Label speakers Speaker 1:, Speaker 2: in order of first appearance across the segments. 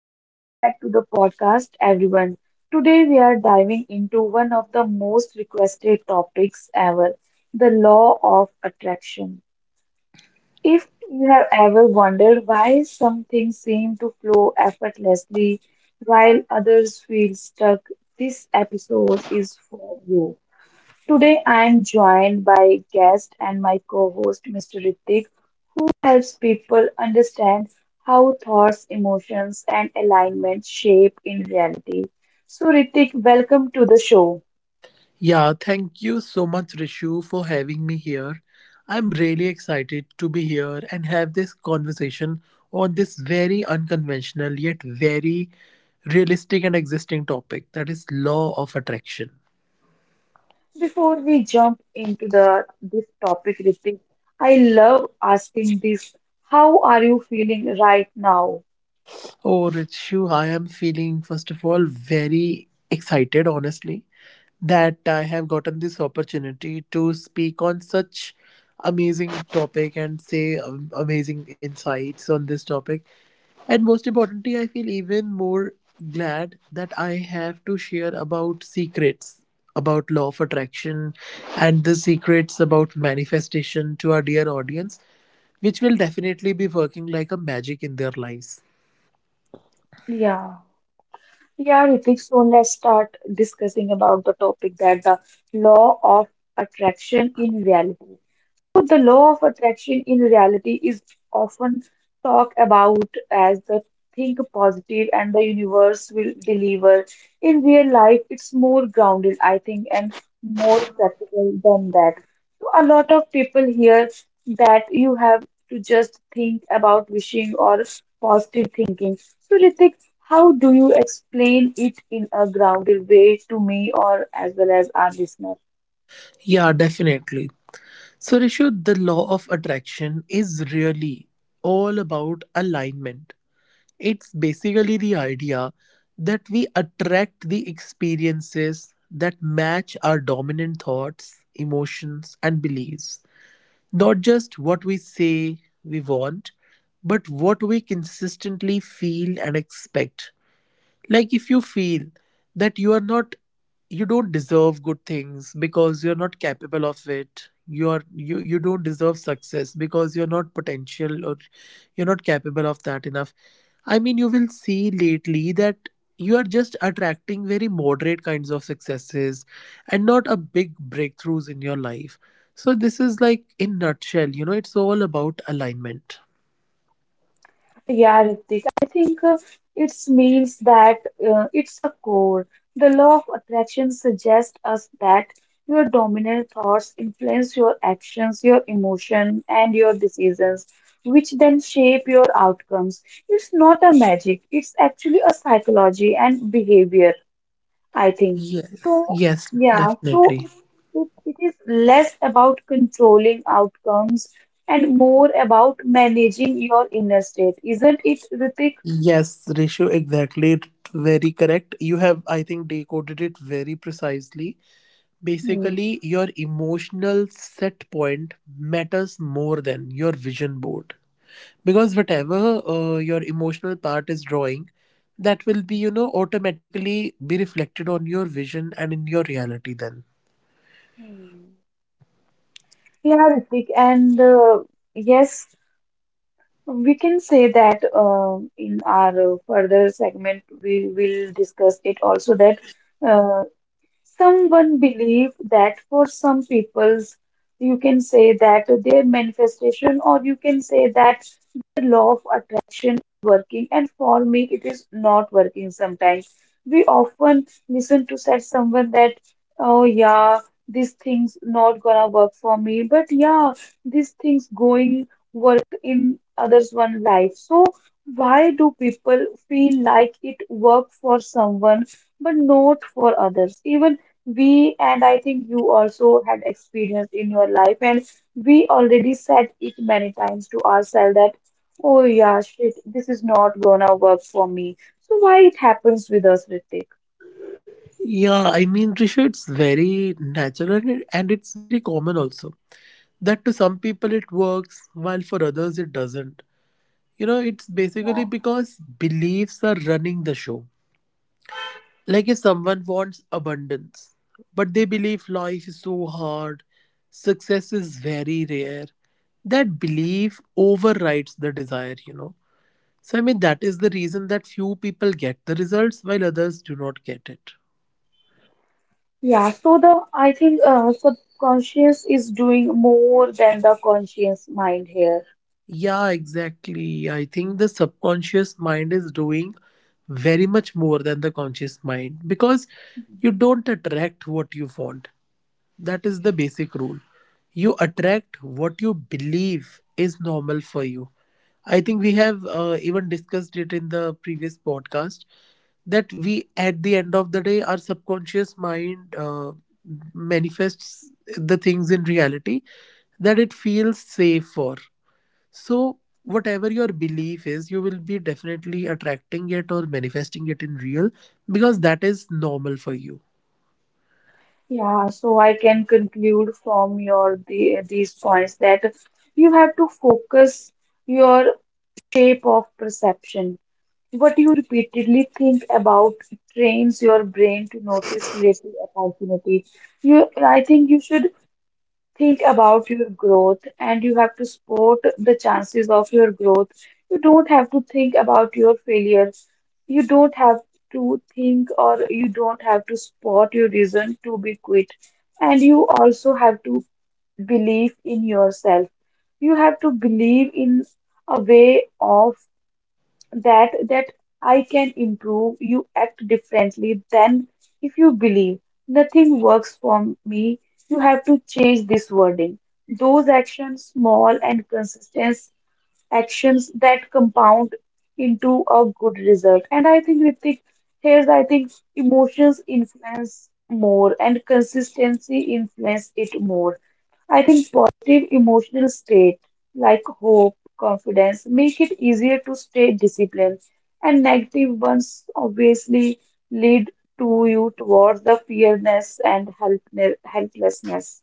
Speaker 1: Welcome back to the podcast, everyone. Today we are diving into one of the most requested topics ever, the law of attraction. If you have ever wondered why some things seem to flow effortlessly while others feel stuck, this episode is for you. Today I am joined by guest and my co-host Mr. Ritik, who helps people understand how thoughts, emotions, and alignment shape in reality. So Ritik, welcome to the show.
Speaker 2: Yeah, thank you so much, Rishu, for having me here. I'm really excited to be here and have this conversation on this very unconventional yet very realistic and existing topic that is law of attraction.
Speaker 1: Before we jump into the this topic, Ritik, I love asking this. How are you feeling right now?
Speaker 2: Oh, Richu, I am feeling, first of all, very excited, honestly, that I have gotten this opportunity to speak on such amazing topic and say amazing insights on this topic. And most importantly, I feel even more glad that I have to share about secrets about law of attraction and the secrets about manifestation to our dear audience, which will definitely be working like a magic in their lives.
Speaker 1: Yeah. Yeah, Ritik, so let's start discussing about the topic that the law of attraction in reality. So the law of attraction in reality is often talked about as the think positive and the universe will deliver. In real life, it's more grounded, I think, and more practical than that. So a lot of people hear that you have to just think about wishing or positive thinking. So, Ritik, how do you explain it in a grounded way to me or as well as our listeners?
Speaker 2: Yeah, definitely. So, Rishu, the law of attraction is really all about alignment. It's basically the idea that we attract the experiences that match our dominant thoughts, emotions, and beliefs. Not just what we say we want, but what we consistently feel and expect, like if you feel that you are not you don't deserve good things because you're not capable of it. You are you you don't deserve success because you're not potential or you're not capable of that enough. I mean, you will see lately that you are just attracting very moderate kinds of successes and not a big breakthroughs in your life. So this is like in nutshell, you know, it's all about alignment.
Speaker 1: Yeah, Ritik, I think it means that it's a core. The law of attraction suggests us that your dominant thoughts influence your actions, your emotion, and your decisions, which then shape your outcomes. It's not a magic, it's actually a psychology and behavior. I think.
Speaker 2: Yes,
Speaker 1: So,
Speaker 2: yes,
Speaker 1: yeah,
Speaker 2: definitely.
Speaker 1: so it is less about controlling outcomes and more about managing your inner state, isn't it, Ritik?
Speaker 2: Yes, Rishu, exactly. Very correct. You have, I think, decoded it very precisely.
Speaker 1: Hmm.
Speaker 2: Basically, your emotional set point matters more than your vision board. Because whatever your emotional part is drawing, that will be, you know, automatically be reflected on your vision and in your reality then.
Speaker 1: Hmm. Yeah, Ritik, and yes, we can say that in our further segment, we will discuss it also that. Uh, Someone believe that for some peoples, you can say that their manifestation, or you can say that the law of attraction is working, and for me, it is not working sometimes. We often listen to such someone that, oh yeah, this thing's not gonna work for me, but yeah, these things going work in others one life. So why do people feel like it work for someone but not for others? Even we and I think you also had experienced in your life, and we already said it many times to ourselves that, oh yeah, shit, this is not gonna work for me. So why it happens with us, Ritik?
Speaker 2: Yeah, I mean, Rishu, it's very natural and it's very common also, that to some people it works while for others it doesn't. You know, it's basically
Speaker 1: Yeah.
Speaker 2: because beliefs are running the show. Like if someone wants abundance, but they believe life is so hard, success is very rare, that belief overrides the desire, you know. So, I mean, that is the reason that few people get the results while others do not get it.
Speaker 1: Yeah, so the I think subconscious is doing more than the conscious mind here.
Speaker 2: Yeah, exactly. I think the subconscious mind is doing very much more than the conscious mind, because you don't attract what you want. That is the basic rule. You attract what you believe is normal for you. I think we have even discussed it in the previous podcast, that we, at the end of the day, our subconscious mind manifests the things in reality that it feels safe for. So, whatever your belief is, you will be definitely attracting it or manifesting it in real because that is normal for you.
Speaker 1: Yeah, so I can conclude from these points that you have to focus your shape of perception. What you repeatedly think about trains your brain to notice little opportunity. I think you should think about your growth and you have to support the chances of your growth. You don't have to think about your failures. You don't have to think or you don't have to support your reason to be quit. And you also have to believe in yourself. You have to believe in a way of that I can improve, you act differently than if you believe nothing works for me. You have to change this wording. Those actions, small and consistent, actions that compound into a good result. And I think Ritik, here's I think emotions influence more and consistency influence it more. I think positive emotional state like hope, confidence make it easier to stay disciplined, and negative ones obviously lead to you towards the fearness and helplessness.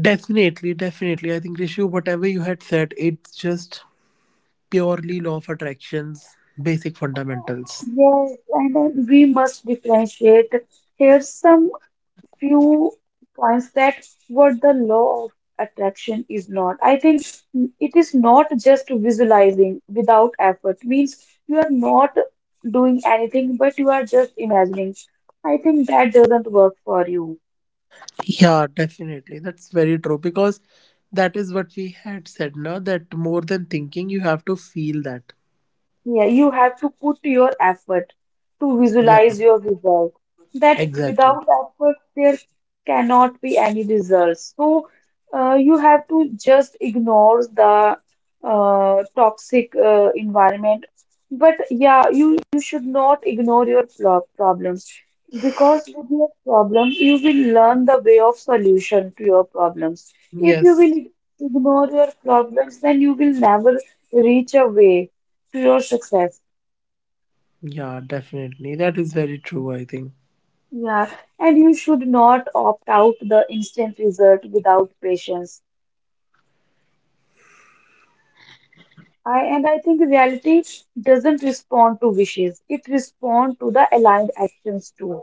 Speaker 2: Definitely, definitely. I think, Rishi, whatever you had said, it's just purely law of attractions, basic fundamentals.
Speaker 1: Yes, and then we must differentiate. Here's some few points that what the law of attraction is not. I think it is not just visualizing without effort, means you are not doing anything, but you are just imagining. I think that doesn't work for you.
Speaker 2: Yeah, definitely. That's very true, because that is what we had said now, that more than thinking, you have to feel that.
Speaker 1: Yeah, you have to put your effort to
Speaker 2: Yeah,
Speaker 1: visualize your result. That
Speaker 2: exactly.
Speaker 1: without effort, there cannot be any results. So, you have to just ignore the toxic environment. But yeah, you should not ignore your problems because with your problem, you will learn the way of solution to your problems. If you will
Speaker 2: Yes.
Speaker 1: ignore your problems, then you will never reach a way to your success.
Speaker 2: Yeah, definitely. That is very true, I think.
Speaker 1: Yeah, and you should not opt out the instant result without patience. I think reality doesn't respond to wishes; it responds to the aligned actions too.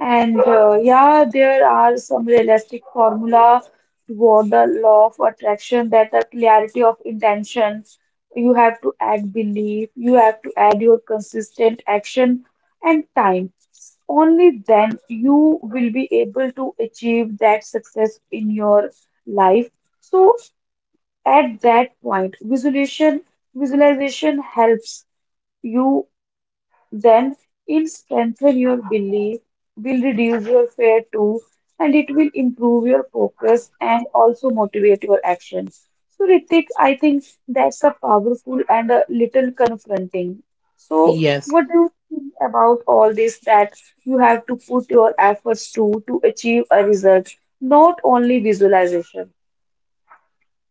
Speaker 1: And yeah, there are some realistic formula toward the law of attraction that the clarity of intention, you have to act, believe, you have to add your consistent action and time. Only then you will be able to achieve that success in your life. So at that point, visualization helps you then it strengthen your belief, will reduce your fear too, and it will improve your focus and also motivate your actions. So, Ritik, I think that's a powerful and a little confronting. So,
Speaker 2: Yes.
Speaker 1: what do you think about all this that you have to put your efforts to achieve a result, not only visualization?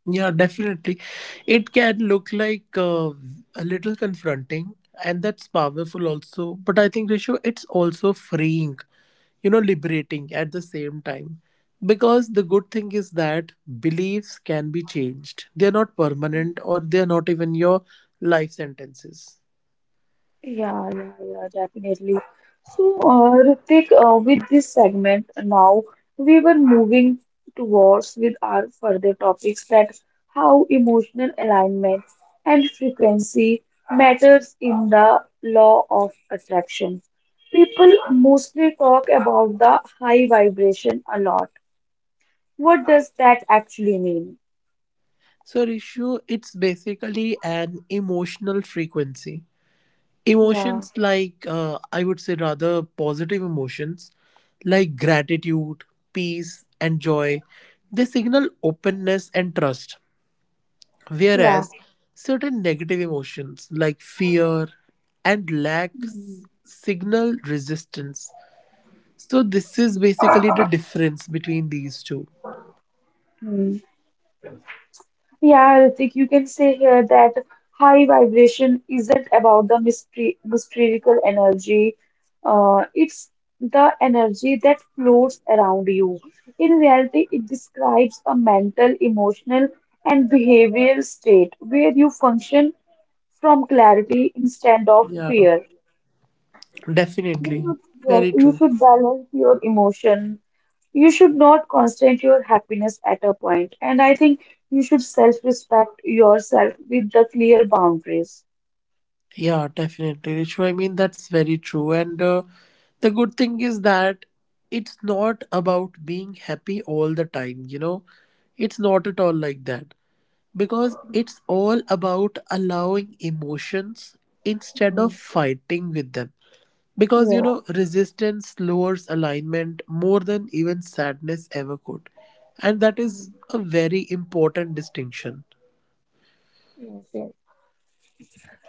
Speaker 2: Yeah, definitely. It can look like a little confronting, and that's powerful also. But I think, Rishu, it's also freeing, you know, liberating at the same time. Because the good thing is that beliefs can be changed, they're not permanent or they're not even your life sentences.
Speaker 1: Yeah, yeah, yeah, definitely. So, Ritik, with this segment now, we were moving towards with our further topics that how emotional alignment and frequency matters in the law of attraction. People mostly talk about the high vibration a lot. What does that actually mean?
Speaker 2: So, Rishu, it's basically an emotional frequency.
Speaker 1: Yeah.
Speaker 2: Emotions like, I would say, rather positive emotions, like gratitude, peace, and joy, they signal openness and trust.
Speaker 1: Yeah.
Speaker 2: Whereas certain negative emotions like fear and lack signal resistance. So, this is basically the difference between these two.
Speaker 1: Hmm. Yeah, Ritik, you can say here that high vibration isn't about mystical energy. It's the energy that floats around you. In reality, it describes a mental, emotional, and behavioral state where you function from clarity instead of
Speaker 2: Yeah,
Speaker 1: fear. You
Speaker 2: definitely.
Speaker 1: should, yes,
Speaker 2: Very
Speaker 1: you
Speaker 2: true.
Speaker 1: should balance your emotion. You should not constrain your happiness at a point. And I think you should self-respect yourself with the clear boundaries.
Speaker 2: Yeah, definitely, Richu. I mean, that's very true. And the good thing is that it's not about being happy all the time, you know? It's not at all like that. Because it's all about allowing emotions instead of
Speaker 1: Mm.
Speaker 2: fighting with them. Because, you
Speaker 1: Yes.
Speaker 2: know, resistance lowers alignment more than even sadness ever could. And that is
Speaker 1: Hmm.
Speaker 2: a very important distinction.
Speaker 1: Yes, yes.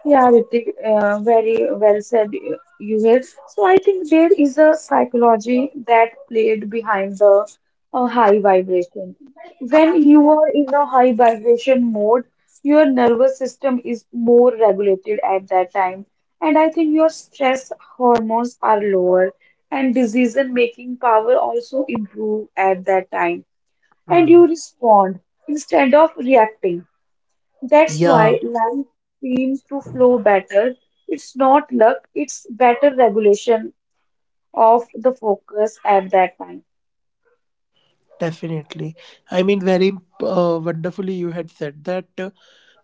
Speaker 1: Yeah, Ritik, very well said, you here. So I think there is a psychology that played behind the high vibration. When you are in a high vibration mode, your nervous system is more regulated at that time, and I think your stress hormones are lower, and decision making power also improve at that time, and
Speaker 2: Hmm.
Speaker 1: you respond instead of reacting. That's why
Speaker 2: Yeah.
Speaker 1: life seems to flow better. It's not luck, it's better regulation of the focus at that time.
Speaker 2: Definitely. I mean, very wonderfully, you had said that,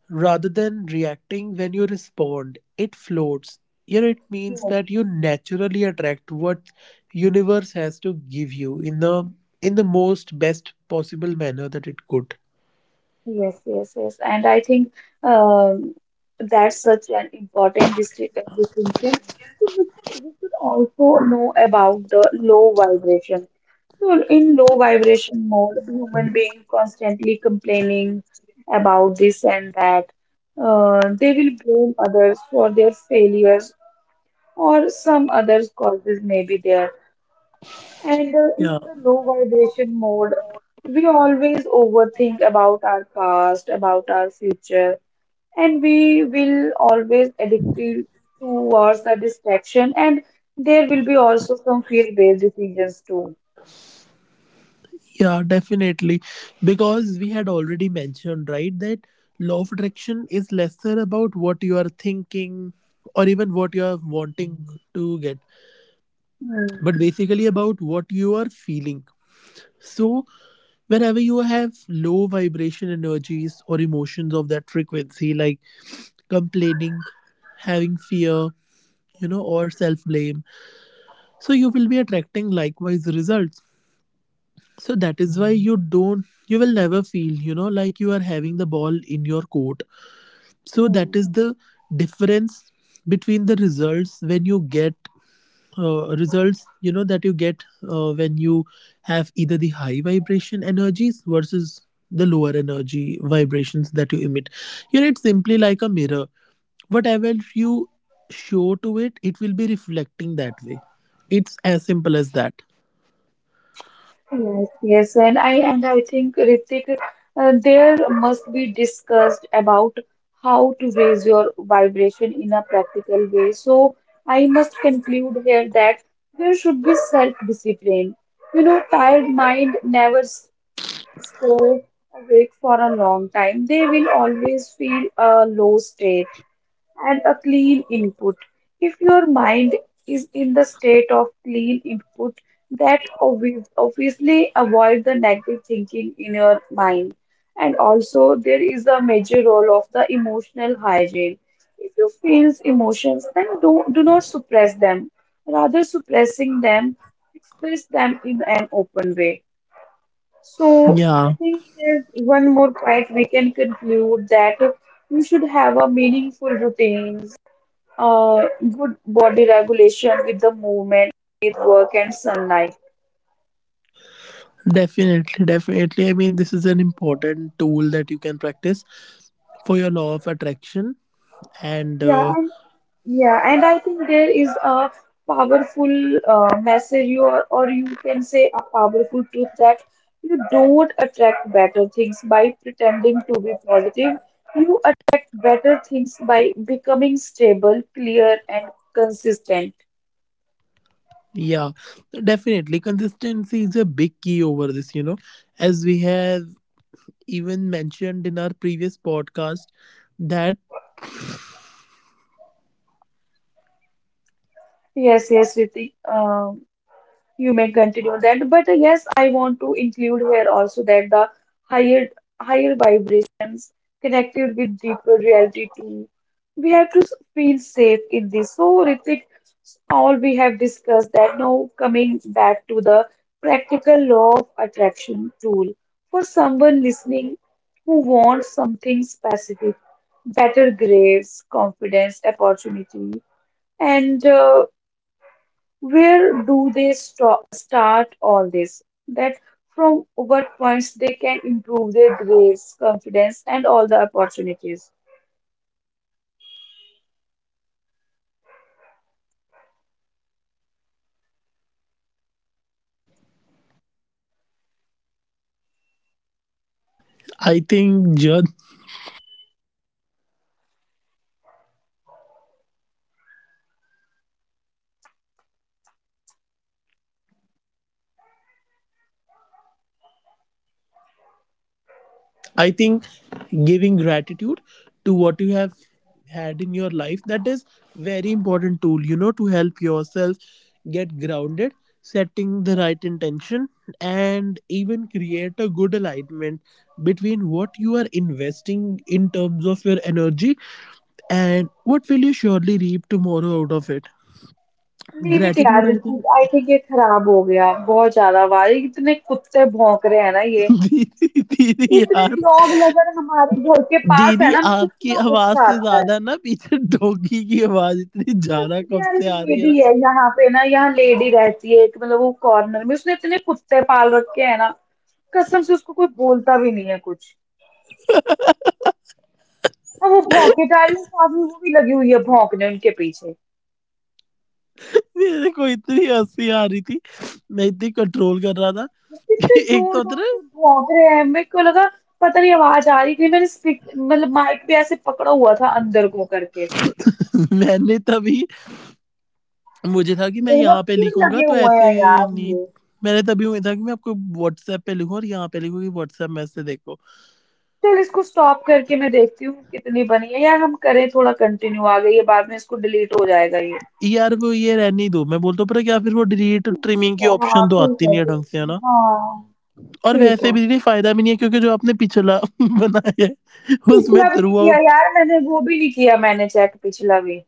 Speaker 2: rather than reacting, when you respond, it floats. Here it means
Speaker 1: Yeah.
Speaker 2: that you naturally attract what universe has to give you in the most best possible manner that it could.
Speaker 1: Yes, yes, yes. And I think um, that's such an important distinction. So we should also know about the low vibration. So, in low vibration mode, human being constantly complaining about this and that. They will blame others for their failures or some other causes may be there. And
Speaker 2: Yeah,
Speaker 1: in the low vibration mode, we always overthink about our past, about our future, and we will always addicted towards the distraction, and there will be also some fear-based decisions too.
Speaker 2: yeah, definitely. Because we had already mentioned, right, that law of attraction is lesser about what you are thinking or even what you are wanting, Mhm, to get,
Speaker 1: Hmm.
Speaker 2: but basically about what you are feeling. So, whenever you have low vibration energies or emotions of that frequency, like complaining, having fear, you know, or self blame, so you will be attracting likewise results. So, that is why you will never feel, you know, like you are having the ball in your court. So, that
Speaker 1: Hmm.
Speaker 2: is the difference between the results when you get results you know that you get when you have either the high vibration energies versus the lower energy vibrations that you emit. You know, it's simply like a mirror: whatever you show to it, it will be reflecting that way. It's as simple as that.
Speaker 1: Yes, yes, and I think Ritik, there must be discussed about how to raise your vibration in a practical way. So I must conclude here that there should be self-discipline. You know, tired mind never stay awake for a long time. They will always feel a low state and a clean input. If your mind is in the state of clean input, that obviously avoid the negative thinking in your mind. And also, there is a major role of the emotional hygiene. If you feel emotions, then do not suppress them. Rather, suppressing them, express them in an open way. So, I
Speaker 2: Yeah,
Speaker 1: think there's one more point we can conclude that you should have a meaningful routine uh, good body regulation with the movement, with work and sunlight.
Speaker 2: definitely, definitely. I mean, this is an important tool that you can practice for your law of attraction, and
Speaker 1: Yeah, and I think there is a powerful message, or you can say a powerful truth that you don't attract better things by pretending to be positive. You attract better things by becoming stable, clear, and consistent.
Speaker 2: yeah, definitely. Consistency is a big key over this, you know, as we have even mentioned in our previous podcast that
Speaker 1: Yes, yes, Ritik. You may continue that, but yes, I want to include here also that the higher higher vibrations connected with deeper reality too. We have to feel safe in this. So, Ritik, all we have discussed that now coming back to the practical law of attraction tool for someone listening who wants something specific, better grades, confidence, opportunity, and where do they start all this? That from what points they can improve their grades, confidence, and all the opportunities.
Speaker 2: I think ju- I think giving gratitude to what you have had in your life, that is very important tool, you know, to help yourself get grounded, setting the right intention and even create a good alignment between what you are investing in terms of your energy. And what will you surely reap tomorrow out of it?
Speaker 1: Leave it
Speaker 2: Gratitude,
Speaker 1: यार
Speaker 2: I
Speaker 1: Ritik,
Speaker 2: think.
Speaker 1: I think ये खराब हो गया, बहुत ज्यादा वारी, इतने कुत्ते भौंक रहे हैं ना ये।
Speaker 2: दीदी दीदी
Speaker 1: इतने
Speaker 2: यार
Speaker 1: डॉग लवर हमारे घर के पास
Speaker 2: दीदी
Speaker 1: है ना, मेरे को
Speaker 2: आपकी
Speaker 1: इतना
Speaker 2: आवाज
Speaker 1: गुस्सा
Speaker 2: से
Speaker 1: आता है।
Speaker 2: ज्यादा ना पीछे डोगी की आवाज इतनी ज्यादा कब
Speaker 1: यार
Speaker 2: से
Speaker 1: ये
Speaker 2: आ रही है
Speaker 1: लेडी
Speaker 2: ना
Speaker 1: है यहाँ पे ना, यहाँ लेडी रहती है एक, मतलब वो कॉर्नर में उसने इतने कुत्ते पाल रखे हैं ना। कसम से उसको कोई बोलता भी नहीं है कुछ, और वो भौंके जा रही हूँ, साथ में वो भी लगी हुई है भौंकने उनके पीछे।
Speaker 2: मेरे को इतनी हंसी आ रही थी मैं इतनी कंट्रोल कर रहा था
Speaker 1: वो कितने
Speaker 2: कि एक तो
Speaker 1: जोर
Speaker 2: होता
Speaker 1: जोर
Speaker 2: ना
Speaker 1: से भौंक रहे हैं, मेरे को लगा पता नहीं आवाज आ रही थी, मैंने स्पीक मतलब माइक भी ऐसे पकड़ा हुआ था अंदर को करके।
Speaker 2: मैंने तभी मुझे था कि मैं
Speaker 1: देखना
Speaker 2: यहाँ पे
Speaker 1: फिर
Speaker 2: लिखूंगा
Speaker 1: लगे
Speaker 2: तो
Speaker 1: हुए
Speaker 2: ऐसे
Speaker 1: हैं यार
Speaker 2: नहीं
Speaker 1: ये।
Speaker 2: मैंने तभी हुआ था कि मैं आपको व्हाट्सएप पे लिखूं और यहाँ पे लिखूं कि व्हाट्सएप मैसेज देखो
Speaker 1: चल इसको स्टॉप करके मैं देखती हूँ कितनी बनी है यार, हम करें थोड़ा कंटिन्यू, आ गई है बाद में इसको डिलीट हो जाएगा ये।
Speaker 2: यार वो ये रहने ही दो मैं बोलता हूँ पता क्या फिर वो डिलीट
Speaker 1: ठीक है,
Speaker 2: ट्रिमिंग की
Speaker 1: हाँ
Speaker 2: ऑप्शन तो
Speaker 1: ठीक
Speaker 2: आती
Speaker 1: है,
Speaker 2: नहीं है ढंग
Speaker 1: ठीक
Speaker 2: से है
Speaker 1: है
Speaker 2: ना
Speaker 1: हाँ।
Speaker 2: और
Speaker 1: ठीक
Speaker 2: वैसे
Speaker 1: है,
Speaker 2: भी दीदी फायदा भी नहीं है क्योंकि जो आपने पिछला बनाया है उसमें
Speaker 1: पिछला भी नहीं
Speaker 2: थ्रू
Speaker 1: किया
Speaker 2: आउट
Speaker 1: यार मैंने, वो भी नहीं किया मैंने चेक पिछला भी।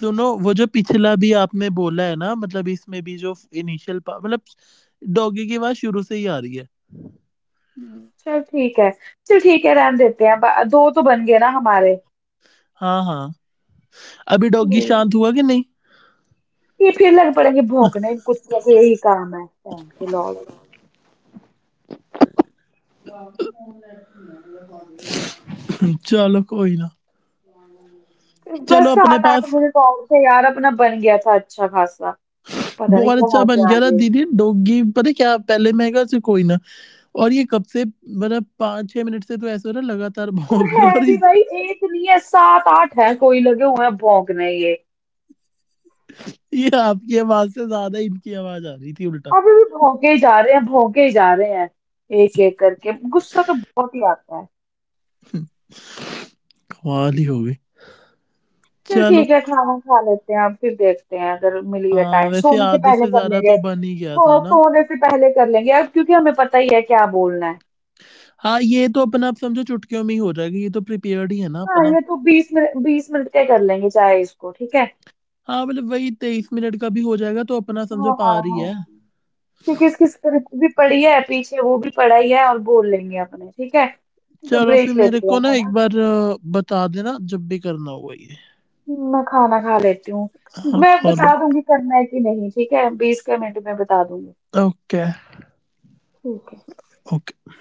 Speaker 2: सुनो वो जो पिछला भी आपने बोला है ना मतलब इसमें भी जो इनिशियल मतलब डॉगी की आवाज शुरू से ही आ रही है
Speaker 1: हुँ, चल ठीक है। चल ठीक है, रहने देते हैं। ब 2 तो बन गए ना हमारे।
Speaker 2: हाँ हाँ अभी डॉगी
Speaker 1: हुँ।
Speaker 2: शांत हुआ कि नहीं
Speaker 1: ये फिर लग पड़ेंगे भौंकने, कुछ ना कुछ यही काम है, बहन के लौंडे।
Speaker 2: चलो कोई ना
Speaker 1: बस
Speaker 2: चलो अपने
Speaker 1: 7-8
Speaker 2: पास
Speaker 1: मिनट और थे यार, अपना बन गया था अच्छा खासा। पता नहीं
Speaker 2: बहुत अच्छा
Speaker 1: कहाँ
Speaker 2: बन
Speaker 1: से आ
Speaker 2: गया था
Speaker 1: गए ये।
Speaker 2: दीदी डोगी पता है क्या पहले मैं कहा "चल कोई ना और ये कब से मतलब 5-6 मिनट से तो ऐसा हो रहा है, लगातार
Speaker 1: और
Speaker 2: भौंक
Speaker 1: है
Speaker 2: रहा है और
Speaker 1: भी
Speaker 2: इस
Speaker 1: भाई 1 नहीं है, 7-8 हैं कोई लगे हुए हैं भौंकने ये।
Speaker 2: ये आपकी आवाज से ज्यादा इनकी आवाज आ रही थी उल्टा
Speaker 1: अभी भी भौंके ही जा रहे हैं, भौंके ही जा रहे हैं, एक-एक करके। गुस्सा तो बहुत ही आता है।
Speaker 2: कमाल ही हो गई
Speaker 1: चल
Speaker 2: चलो
Speaker 1: ठीक है, खाना खा लेते हैं अब, फिर देखते हैं अगर मिल गया
Speaker 2: हाँ
Speaker 1: टाइम
Speaker 2: वैसे
Speaker 1: सोने से
Speaker 2: आधे
Speaker 1: पहले
Speaker 2: से
Speaker 1: कर
Speaker 2: ज्यादा
Speaker 1: लेंगे,
Speaker 2: तो
Speaker 1: ऐसे
Speaker 2: बन ही गया था ना
Speaker 1: सोने से पहले कर लेंगे अब, क्योंकि हमें पता ही है क्या बोलना है।
Speaker 2: हाँ ये तो अपना आप समझो चुटकियों में ही हो जाएगा ये तो प्रिपेयर्ड ही है ना
Speaker 1: हाँ
Speaker 2: अपना
Speaker 1: ये तो बीस मिनट, बीस मिनट के कर लेंगे चाहे इसको, ठीक है।
Speaker 2: हाँ मतलब वही 23 मिनट का भी हो जाएगा तो अपना समझो
Speaker 1: हाँ हाँ
Speaker 2: पार ही
Speaker 1: हाँ।
Speaker 2: है
Speaker 1: क्योंकि इसकी स्क्रिप्ट भी पड़ी है पीछे, वो भी पड़ा ही है और बोल लेंगे अपने, ठीक है। ठीक है
Speaker 2: चलो फिर
Speaker 1: ब्रेक
Speaker 2: मेरे
Speaker 1: लेते हैं
Speaker 2: को ना
Speaker 1: है
Speaker 2: एक
Speaker 1: ना।
Speaker 2: बार अ, बता देना जब भी करना होगा ये
Speaker 1: मैं खाना खा लेती हूँ।
Speaker 2: हाँ
Speaker 1: मैं
Speaker 2: खाना
Speaker 1: बता दूंगी करना है कि नहीं, ठीक है, बीस के मिनट में बता दूंगी।
Speaker 2: ओके
Speaker 1: ठीक है।
Speaker 2: och